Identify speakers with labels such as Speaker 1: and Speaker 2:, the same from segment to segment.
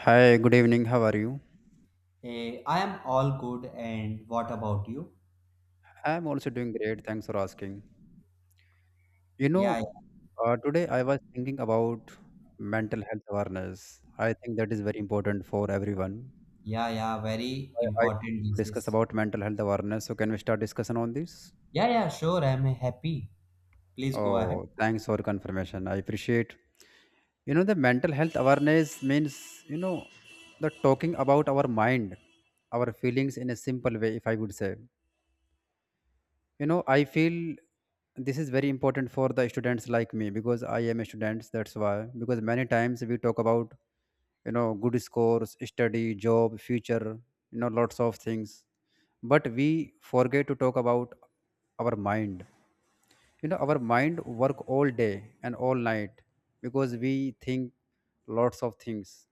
Speaker 1: Hi, good evening. How are you?
Speaker 2: Hey, I am all good, and what about you?
Speaker 1: I'm also doing great. Thanks for asking. You know,
Speaker 2: Yeah, yeah,
Speaker 1: today I was thinking about mental health awareness. I think that is very important for everyone.
Speaker 2: yeah, yeah, very
Speaker 1: I
Speaker 2: important these
Speaker 1: discuss
Speaker 2: days.
Speaker 1: about mental health awareness. So can we start discussion on this?
Speaker 2: Yeah, yeah, sure, I'm happy. Please go ahead.
Speaker 1: Oh, thanks for confirmation. I appreciate. The mental health awareness means the talking about our mind, our feelings in a simple way. If I would say, I feel this is very important for the students like me because I am a student. That's why. Because many times we talk about, good scores, study, job, future, lots of things, but we forget to talk about our mind. Our mind work all day and all night because we think lots of things,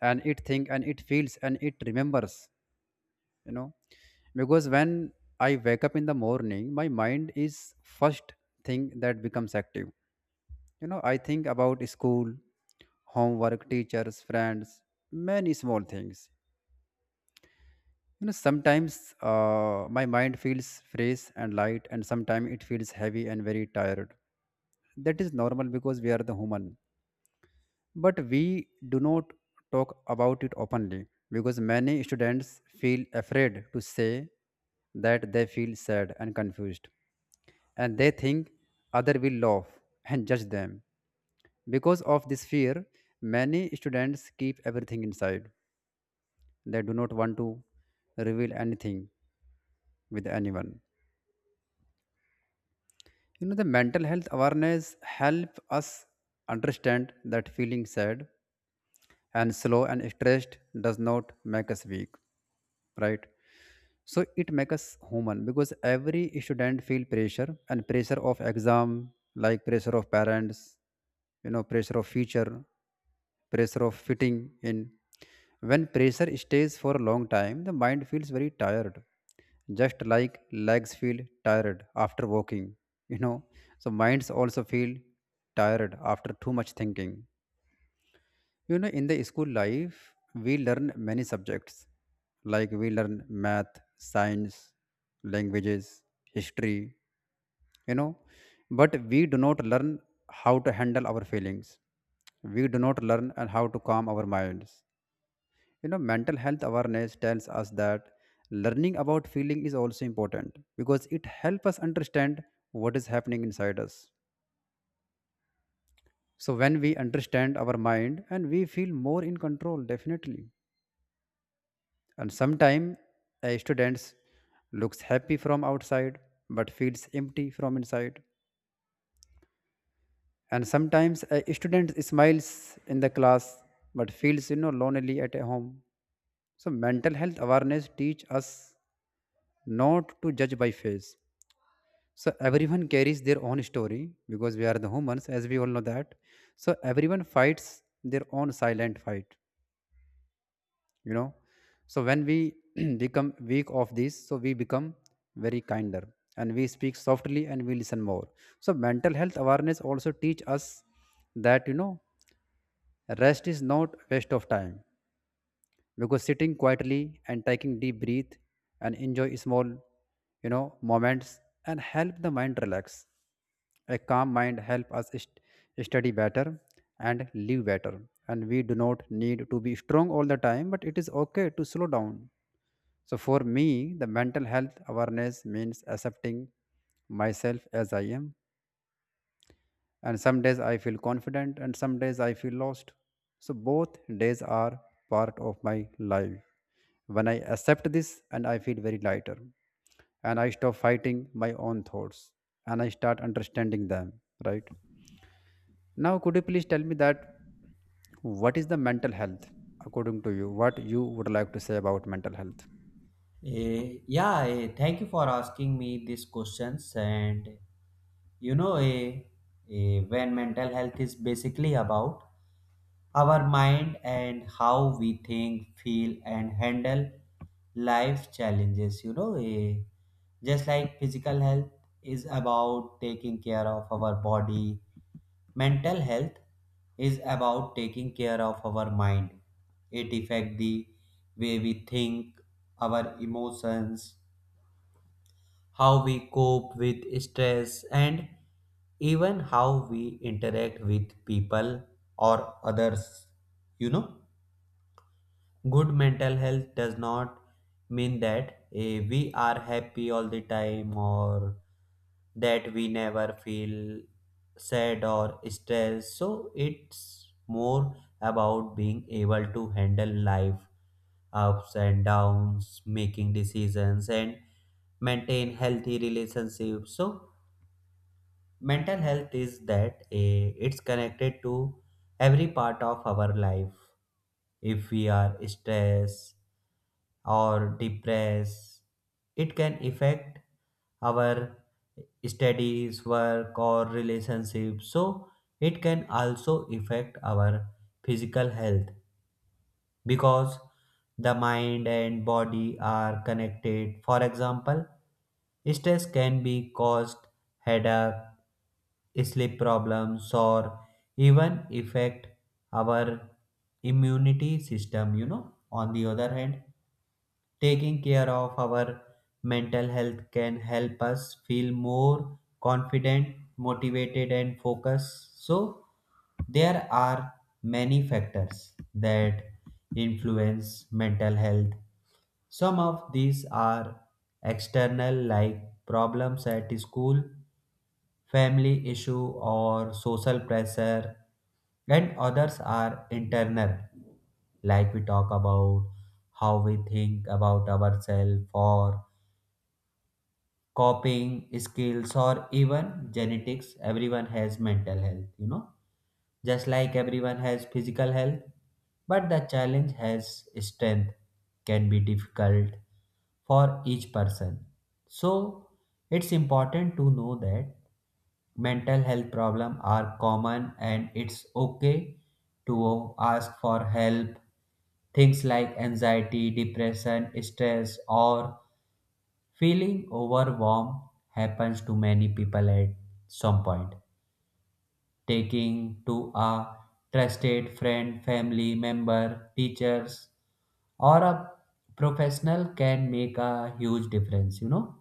Speaker 1: and it think and it feels and it remembers. you know because when I wake up in the morning, my mind is first thing that becomes active. I think about school, homework, teachers, friends, many small things. Sometimes my mind feels fresh and light, and sometimes it feels heavy and very tired. That is normal because we are the human, but we do not talk about it openly because many students feel afraid to say that they feel sad and confused, and they think other will laugh and judge them. Because of this fear, many students keep everything inside. They do not want to reveal anything with anyone. The mental health awareness help us understand that feeling sad and slow and stressed does not make us weak, right? So it makes us human because every student feel pressure, and pressure of exam, like pressure of parents, pressure of future, pressure of fitting in. When pressure stays for a long time, the mind feels very tired, just like legs feel tired after walking. you know so minds also feel tired after too much thinking. In the school life, we learn many subjects. Like we learn math, science, languages, history, you know. But we do not learn how to handle our feelings. We do not learn and how to calm our minds. Mental health awareness tells us that learning about feeling is also important because it helps us understand what is happening inside us. So when we understand our mind, and we feel more in control, definitely. And sometimes a student looks happy from outside but feels empty from inside. And sometimes a student smiles in the class but feels, lonely at home. So mental health awareness teach us not to judge by face. So everyone carries their own story because we are the humans, as we all know that. So everyone fights their own silent fight. you know so when we become weak of this, so we become very kinder, and we speak softly, and we listen more. So mental health awareness also teach us that, rest is not waste of time because sitting quietly and taking deep breath and enjoy small moments and help the mind relax. A calm mind help us study better and live better. And we do not need to be strong all the time, but it is okay to slow down. So for me, the mental health awareness means accepting myself as I am. And some days I feel confident, and some days I feel lost, so both days are part of my life. When I accept this, and I feel very lighter, and I stop fighting my own thoughts, and I start understanding them, right? Now could you please tell me that, what is the mental health according to you? What you would like to say about mental health?
Speaker 2: Yeah, Thank you for asking me these questions. And you know, eh, eh, when mental health is basically about our mind and how we think, feel, and handle life challenges, just like physical health is about taking care of our body. Mental health is about taking care of our mind. It affects the way we think, our emotions, how we cope with stress, and even how we interact with people or others. You know? Good mental health does not mean that we are happy all the time or that we never feel sad or stressed. So it's more about being able to handle life ups and downs, making decisions and maintain healthy relationships. So mental health is that, it's connected to every part of our life. If we are stressed or depressed, it can affect our studies, work, or relationships. So it can also affect our physical health, because the mind and body are connected. For example, stress can be caused headache, sleep problems, or even affect our immunity system. You know, on the other hand, taking care of our mental health can help us feel more confident, motivated, and focused. So, there are many factors that influence mental health. Some of these are external, like problems at school, family issue, or social pressure, and others are internal, like we talk about how we think about ourselves, or coping skills, or even genetics. Everyone has mental health, you know, just like everyone has physical health, but the challenge has strength can be difficult for each person. So it's important to know that mental health problems are common and it's okay to ask for help. Things like anxiety, depression, stress, or feeling overwhelmed happens to many people at some point. Taking to a trusted friend, family member, teachers, or a professional can make a huge difference. You know,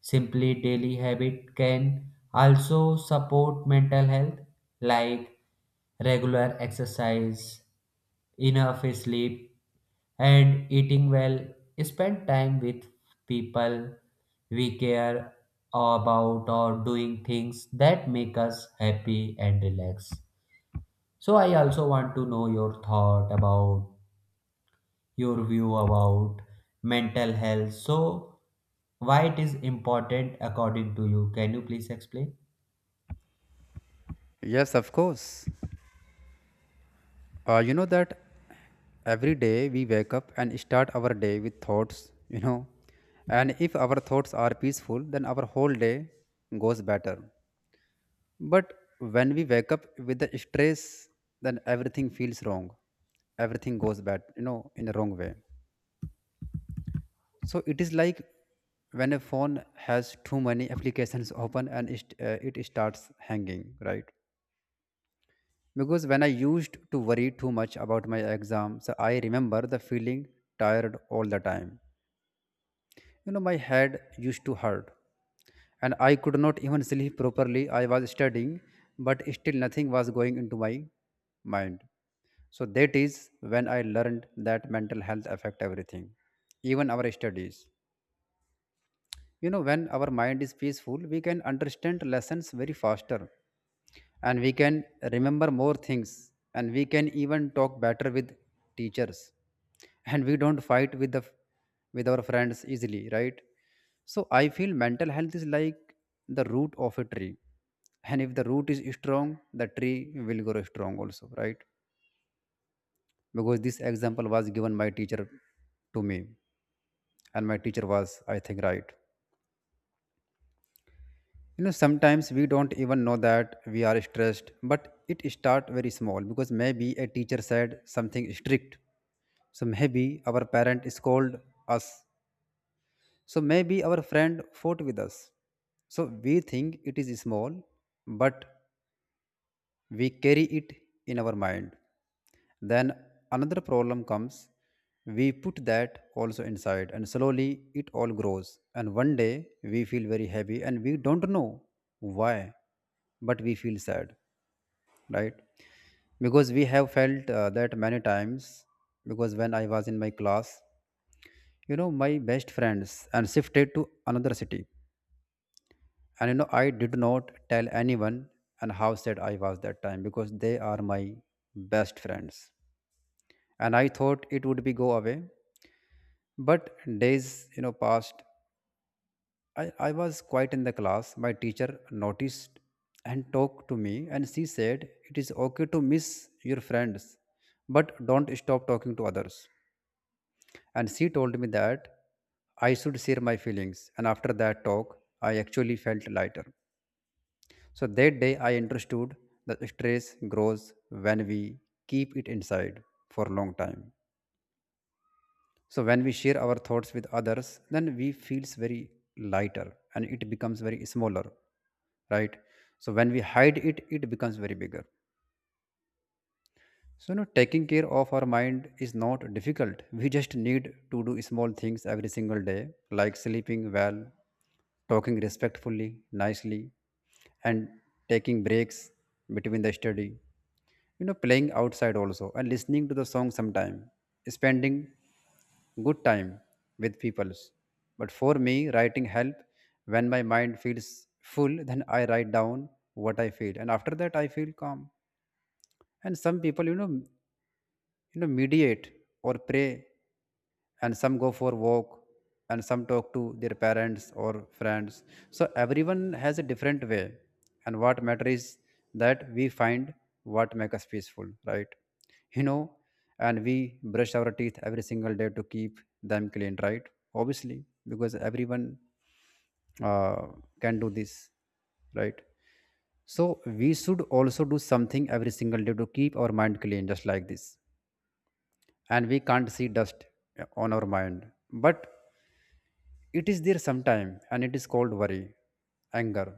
Speaker 2: simply daily habit can also support mental health, like regular exercise, enough sleep, and eating well. Spend time with people we care about, or doing things that make us happy and relax. So I also want to know your thought about, your view about mental health. So, why it is important according to you? Can you please explain?
Speaker 1: Yes, of course. You know that every day we wake up and start our day with thoughts. And if our thoughts are peaceful, then our whole day goes better. But when we wake up with the stress, then everything feels wrong. Everything goes bad, you know, in a wrong way. So it is like when a phone has too many applications open and it starts hanging, right? Because when I used to worry too much about my exams, I remember the feeling tired all the time. You know, my head used to hurt and I could not even sleep properly. I was studying, but still nothing was going into my mind. So that is when I learned that mental health affect everything, even our studies. When our mind is peaceful, we can understand lessons very faster, and we can remember more things, and we can even talk better with teachers, and we don't fight with the with our friends easily, right? So I feel mental health is like the root of a tree, and if the root is strong, the tree will grow strong also, right? Because this example was given by teacher to me, and my teacher was I think right. Sometimes we don't even know that we are stressed, but it start very small because maybe a teacher said something strict, so maybe our parent scold us, so maybe our friend fought with us, so we think it is small, but we carry it in our mind. Then another problem comes. We put that also inside, and slowly it all grows. And one day we feel very heavy, and we don't know why, but we feel sad, right? Because we have felt that many times. Because when I was in my class, my best friends and shifted to another city, and, I did not tell anyone and how sad I was that time because they are my best friends, and I thought it would be go away. But days, passed. I was quiet in the class. My teacher noticed and talked to me and she said, "It is okay to miss your friends, but don't stop talking to others." And she told me that I should share my feelings. And after that talk, I actually felt lighter. So that day I understood that stress grows when we keep it inside for a long time. So when we share our thoughts with others, then we feels very lighter, and it becomes very smaller, right? So when we hide it, it becomes very bigger. So, you know, taking care of our mind is not difficult. We just need to do small things every single day, like sleeping well, talking respectfully, nicely, and taking breaks between the study. You know, playing outside also, and listening to the song sometime, spending good time with peoples. But for me, writing help when my mind feels full. Then I write down what I feel, and after that I feel calm. And some people, mediate or pray, and some go for walk, and some talk to their parents or friends. So everyone has a different way, and what matters is that we find what make us peaceful, right? you know and we brush our teeth every single day to keep them clean, right? Obviously, because everyone uh, can do this, right? So we should also do something every single day to keep our mind clean, just like this. And we can't see dust on our mind, but it is there sometime, and it is called worry, anger.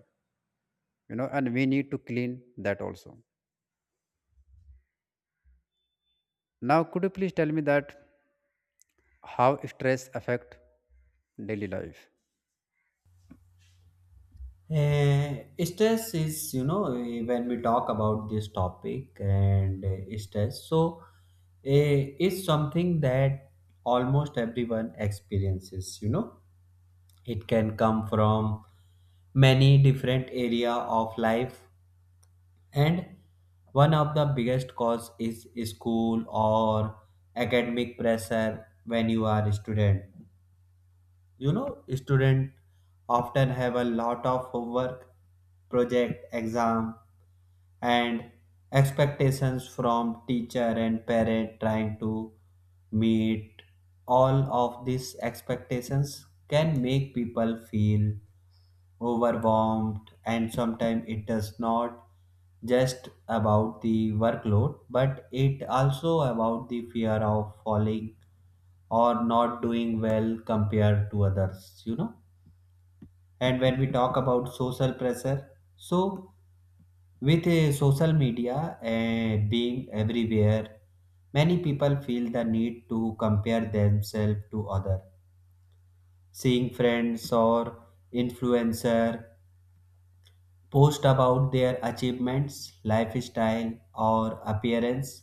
Speaker 1: And we need to clean that also. Now could you please tell me that, how stress affect daily life?
Speaker 2: Uh, stress is, when we talk about this topic and stress, so it's something that almost everyone experiences. You know, it can come from many different area of life, and one of the biggest cause is school or academic pressure. When you are a student, you know, student often have a lot of homework, project, exam, and expectations from teacher and parent. Trying to meet all of these expectations can make people feel overwhelmed, and sometimes it does not just about the workload, but it also about the fear of falling or not doing well compared to others, you know. And when we talk about social pressure, so with social media being everywhere, many people feel the need to compare themselves to other, seeing friends or influencer post about their achievements, lifestyle, or appearance.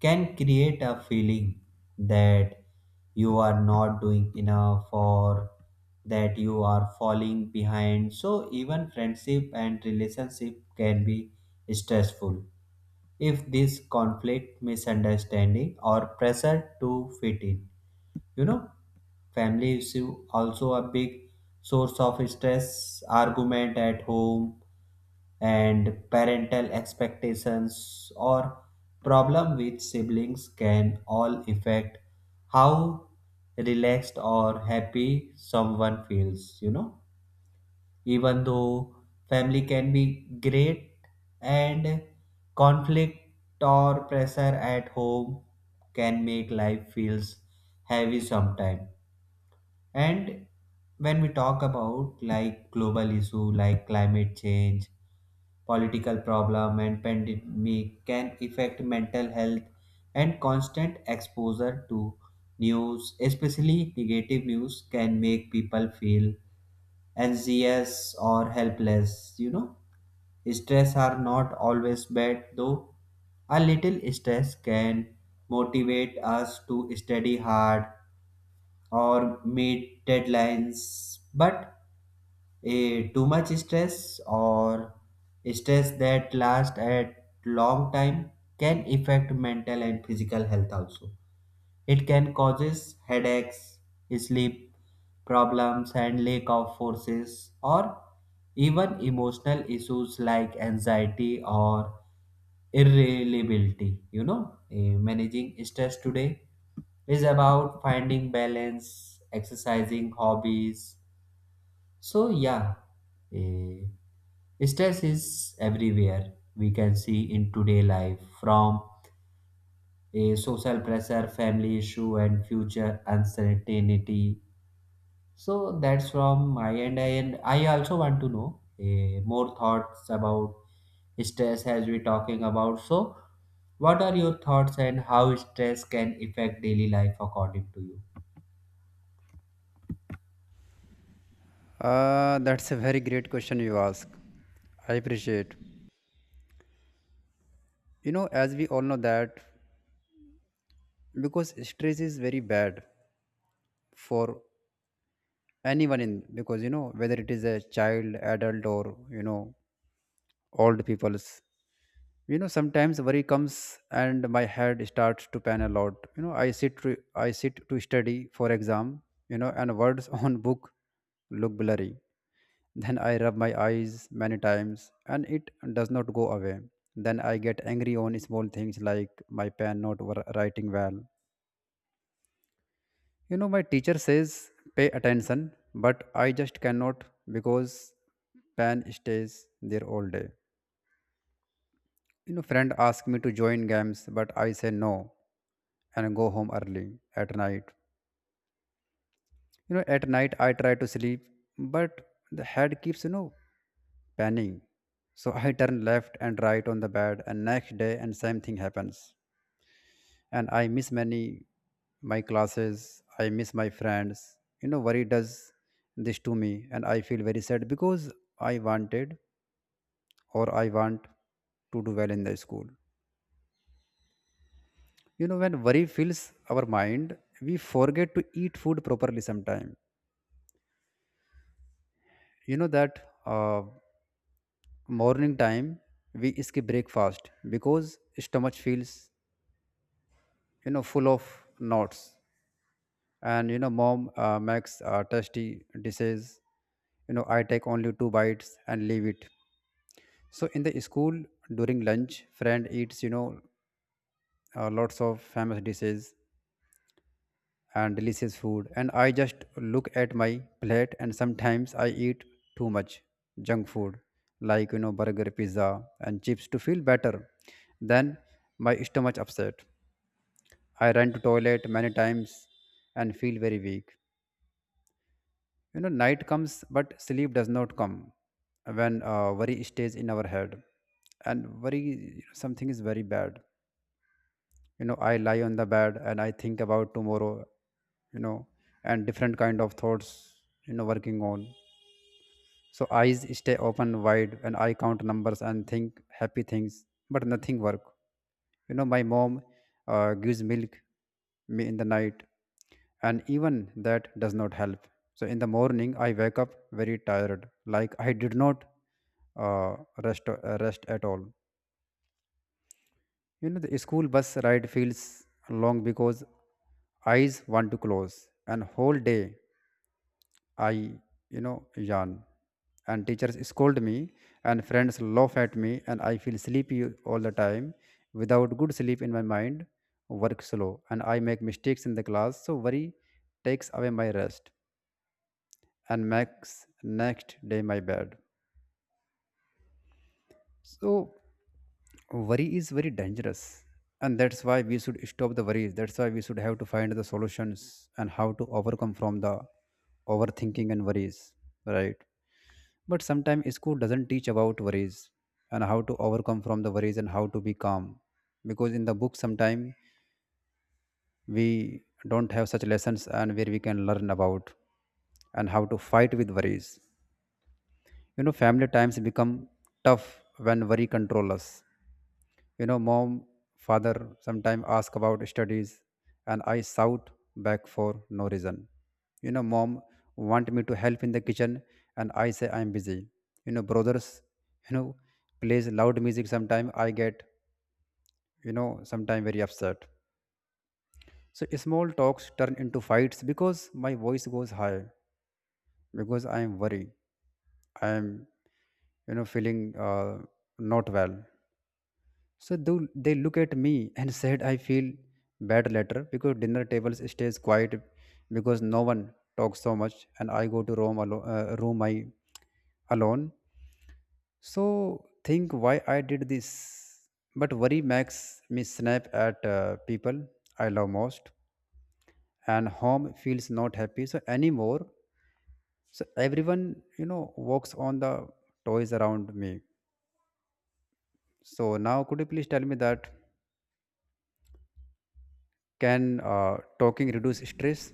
Speaker 2: Can create a feeling that you are not doing enough or that you are falling behind. So, even friendship and relationship can be stressful if this conflict, misunderstanding, or pressure to fit in. You know, family issue also a big source of stress. Argument at home and parental expectations, or problem with siblings, can all affect how relaxed or happy someone feels. You know, even though family can be great, and conflict or pressure at home can make life feels heavy sometimes. And when we talk about like global issue, like climate change, political problem, and pandemic, can affect mental health. And constant exposure to news, especially negative news, can make people feel anxious or helpless, you know. Stress are not always bad though. A little stress can motivate us to study hard or meet deadlines. But a too much stress, or stress that lasts at long time, can affect mental and physical health also. It can causes headaches, sleep problems, and lack of forces, or even emotional issues like anxiety or irritability. You know, managing stress today is about finding balance, exercising, hobbies. So yeah, eh, stress is everywhere. We can see in today life, from a social pressure, family issue, and future uncertainty. So that's from my end, and I also want to know more thoughts about stress as we talking about. So, what are your thoughts, and how stress can affect daily life according to you?
Speaker 1: That's a very great question you ask. I appreciate. You know, as we all know that, because stress is very bad for anyone in because you know whether it is a child, adult, or you know old peoples. You know, sometimes worry comes and my head starts to pan a lot. You know, I sit to study for exam. And words on book look blurry. Then I rub my eyes many times and it does not go away. Then I get angry on small things, like my pen not writing well. You know, my teacher says pay attention, but I just cannot because pen stays there all day. You know, friend asked me to join games, but I say no and go home early at night. You know, at night I try to sleep, but the head keeps, you know, panning. So I turn left and right on the bed and next day and same thing happens. And I miss many my classes, I miss my friends. You know, worry does this to me and I feel very sad because I wanted or I want to do well in the school. You know, when worry fills our mind, we forget to eat food properly sometime. You know that uh, morning time we skip breakfast because stomach feels you know full of knots. And you know, mom makes tasty dishes. You know, I take only two bites and leave it. So in the school during lunch, friend eats lots of famous dishes and delicious food, and I just look at my plate. And sometimes I eat too much junk food like, you know, burger, pizza, and chips to feel better. Then my stomach upset, I run to toilet many times and feel very weak. You know, night comes but sleep does not come. When worry stays in our head and worry something is very bad, you know, I lie on the bed and I think about tomorrow, you know, and different kind of thoughts, you know, working on. So eyes stay open wide and I count numbers and think happy things, but nothing work. You know, my mom gives milk me in the night, and even that does not help. So in the morning I wake up very tired, like I did not uh, rest, rest at all. You know, the school bus ride feels long because eyes want to close, and whole day I, you know, yawn. And teachers scold me, and friends laugh at me, and I feel sleepy all the time. Without good sleep in my mind, work slow, and I make mistakes in the class. So worry takes away my rest and makes next day my bad. So worry is very dangerous. And that's why we should stop the worries. That's why we should have to find the solutions and how to overcome from the overthinking and worries. Right. But sometimes school doesn't teach about worries and how to overcome from the worries and how to be calm. Because in the book sometimes we don't have such lessons and where we can learn about and how to fight with worries. You know, family times become tough when worry control us. You know, mom, father sometimes ask about studies, and I shout back for no reason. You know, mom want me to help in the kitchen, and I say I'm busy. You know, brothers, you know, plays loud music sometime I get, you know, sometime very upset. So small talks turn into fights because my voice goes high because I am worried. I am, you know, feeling not well. So they look at me and said I feel bad later because dinner tables stays quiet because no one talks so much, and I go to room alone, room I alone. So think why I did this, but worry makes me snap at people I love most, and home feels not happy so anymore. So everyone, you know, walks on the toys around me. So now could you please tell me that can talking reduce stress?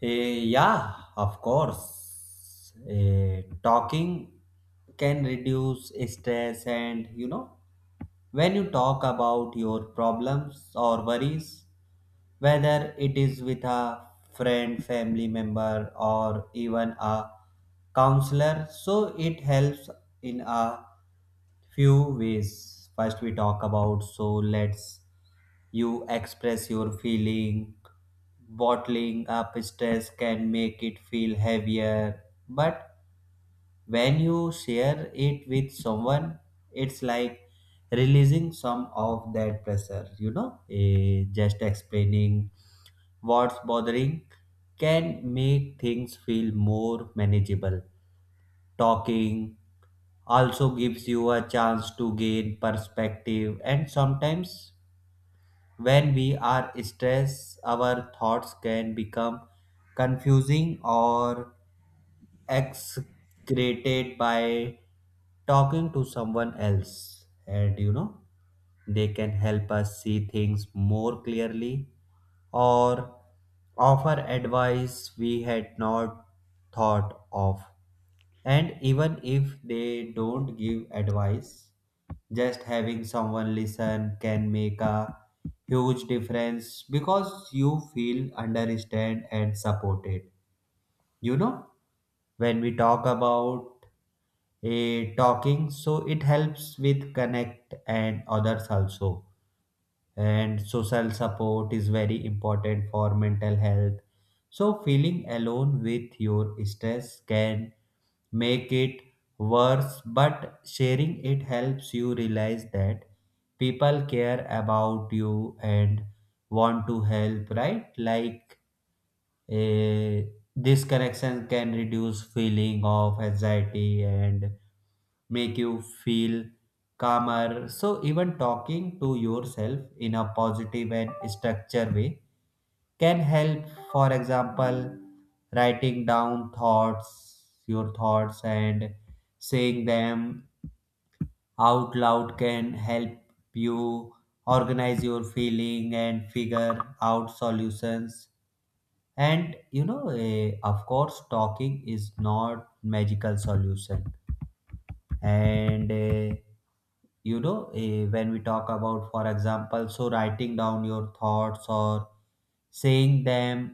Speaker 2: Yeah, of course. Talking can reduce stress, and you know, when you talk about your problems or worries, whether it is with a friend, family member, or even a counselor, so it helps in a few ways. First, we talk about, so let's, you express your feeling. Bottling up stress can make it feel heavier, but when you share it with someone, it's like releasing some of that pressure. Just explaining what's bothering can make things feel more manageable. Talking also gives you a chance to gain perspective, and sometimes when we are stressed, our thoughts can become confusing or excreted. By talking to someone else, and you know, they can help us see things more clearly, or offer advice we had not thought of. And even if they don't give advice, just having someone listen can make a huge difference, because you feel understood and supported. You know, when we talk about a talking, so it helps with connect and others also. And social support is very important for mental health. So feeling alone with your stress can make it worse, but sharing it helps you realize that people care about you and want to help, right? Like, eh, this connection can reduce feeling of anxiety and make you feel calmer. So, even talking to yourself in a positive and structured way can help. For example, writing down thoughts, your thoughts, and saying them out loud can help you organize your feeling and figure out solutions. And you know, of course talking is not magical solution. And when we talk about, for example, so writing down your thoughts or saying them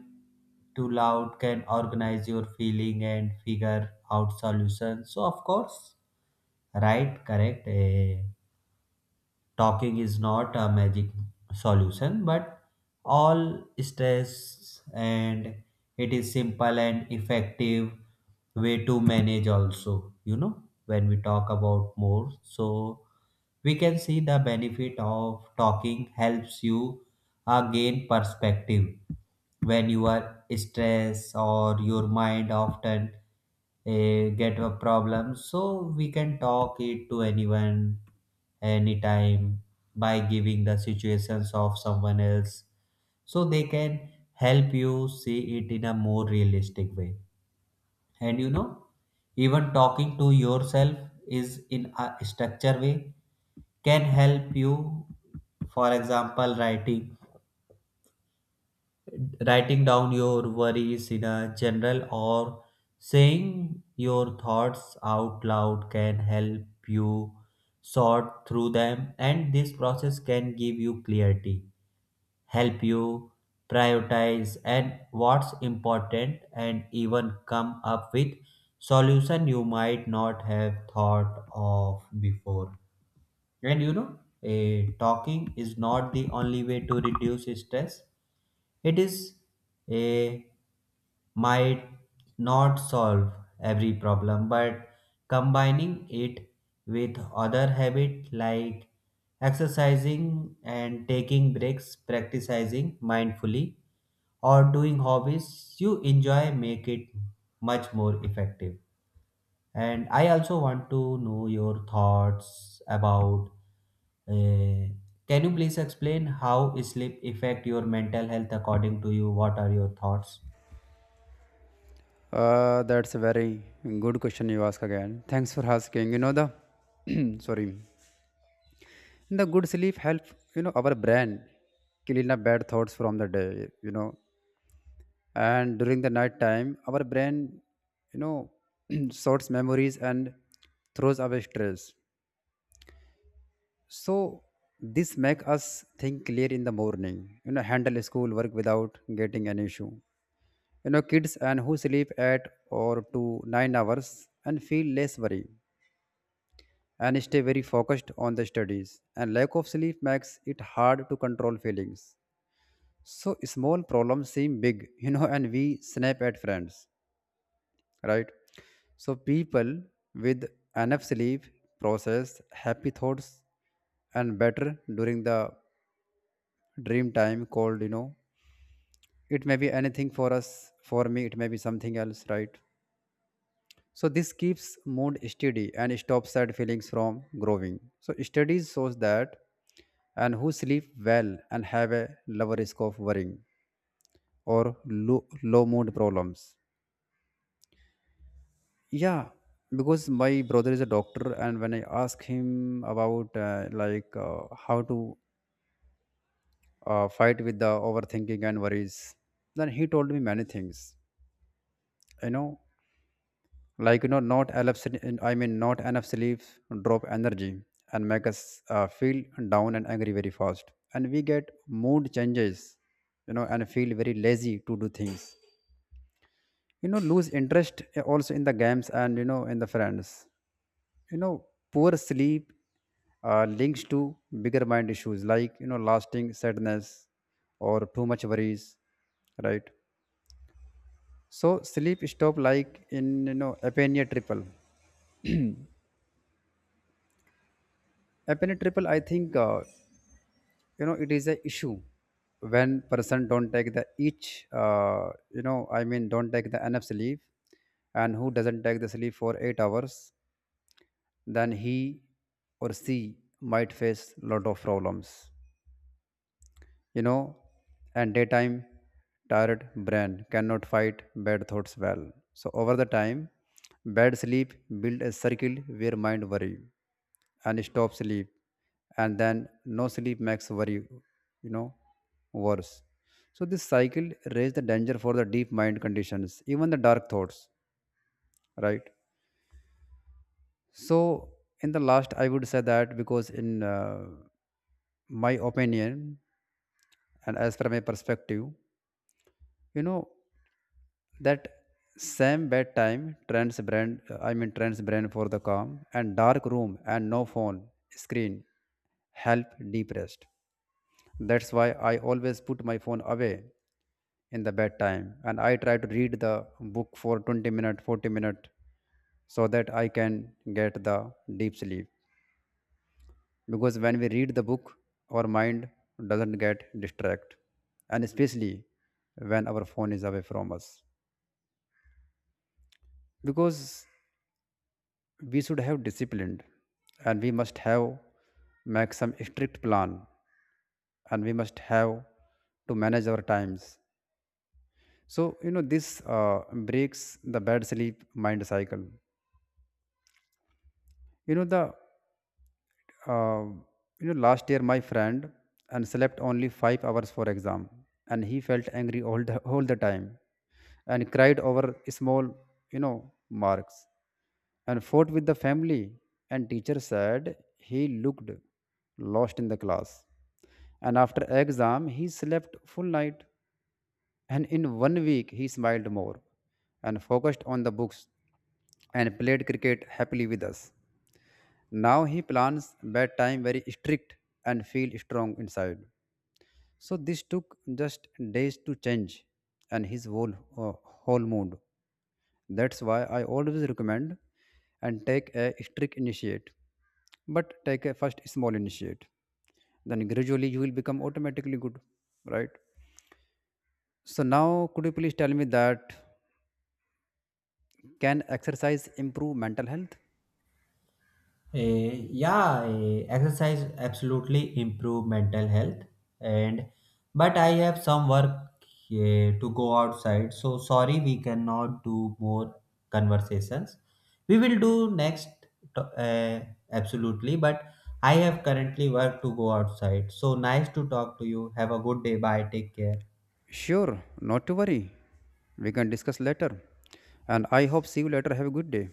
Speaker 2: too loud can organize your feeling and figure out solutions. So of course, right, correct. Talking is not a magic solution, but all stress, and it is simple and effective way to manage also. You know, when we talk about more, so we can see the benefit of talking helps you gain perspective. When you are stressed, or your mind often get a problem, so we can talk it to anyone anytime, by giving the situations of someone else, so they can help you see it in a more realistic way. And you know, even talking to yourself is in a structure way, can help you. For example, writing, writing down your worries in a general, or saying your thoughts out loud, can help you sort through them, and this process can give you clarity, help you prioritize and what's important, and even come up with solution you might not have thought of before. And you know, talking is not the only way to reduce stress. It is a, might not solve every problem, but combining it with other habit like exercising and taking breaks, practicing mindfully, or doing hobbies you enjoy make it much more effective. And I also want to know your thoughts about. Uh, can you please explain how sleep affect your mental health according to you? What are your thoughts?
Speaker 1: That's a very good question you ask again. Thanks for asking. You know the sorry, the good sleep help, you know, our brain clean up bad thoughts from the day. You know, and during the night time, our brain, you know, sorts memories and throws away stress. So this make us think clear in the morning. You know, handle school work without getting an issue. You know, kids and who sleep at or to 9 hours and feel less worry and stay very focused on the studies. And lack of sleep makes it hard to control feelings, so small problems seem big you know, and we snap at friends. Right. So people with enough sleep process happy thoughts and better during the dream time called, you know, it may be anything for us, for me it may be something else, right? So this keeps mood steady and stops sad feelings from growing. So studies shows that and who sleep well and have a lower risk of worrying or low mood problems. Yeah, because my brother is a doctor, and when I ask him about like how to fight with the overthinking and worries, then he told me many things. You know, like, you know, not enough sl- I mean, not enough sleep drop energy and make us feel down and angry very fast, and we get mood changes, you know, and feel very lazy to do things, you know, lose interest also in the games and, you know, in the friends, you know. Poor sleep links to bigger mind issues like, you know, lasting sadness or too much worries, right? So sleep stop like in, you know, apnea triple, I think, you know, it is a issue when person don't take the each, uh, don't take the enough sleep, and who doesn't take the sleep for 8 hours, then he or she might face lot of problems. You know, and daytime tired brain cannot fight bad thoughts well. So over the time, bad sleep build a circle where mind worry and stop sleep, and then no sleep makes worry, you know, worse. So this cycle raise the danger for the deep mind conditions, even the dark thoughts. Right. So in the last I would say that because in my opinion and as per my perspective, you know, that same bedtime trends brain I mean trends brain for the calm and dark room and no phone screen help deep rest. That's why I always put my phone away in the bedtime, and I try to read the book for 20 minute 40 minute so that I can get the deep sleep. Because when we read the book, our mind doesn't get distracted, and especially when our phone is away from us. Because we should have disciplined, and we must have make some strict plan, and we must have to manage our times. So, you know, this breaks the bad sleep mind cycle. You know the uh, you know, last year my friend and slept only 5 hours for exam, and he felt angry all the time and cried over small, you know, marks and fought with the family, and teacher said he looked lost in the class. And after exam he slept full night, and in 1 week he smiled more and focused on the books and played cricket happily with us. Now he plans bedtime very strict and feel strong inside. So this took just days to change and his whole, uh, whole mood. That's why I always recommend and take a strict initiate, but take a first small initiate. Then gradually you will become automatically good, right? So now could you please tell me that can exercise improve mental health?
Speaker 2: Yeah, Exercise absolutely improve mental health, and but I have some work to go outside, so sorry we cannot do more conversations. We will do next to- eh, absolutely, but I have currently work to go outside. So nice to talk to you. Have a good day. Bye. Take care.
Speaker 1: Sure, not to worry. We can discuss later. And I hope see you later. Have a good day.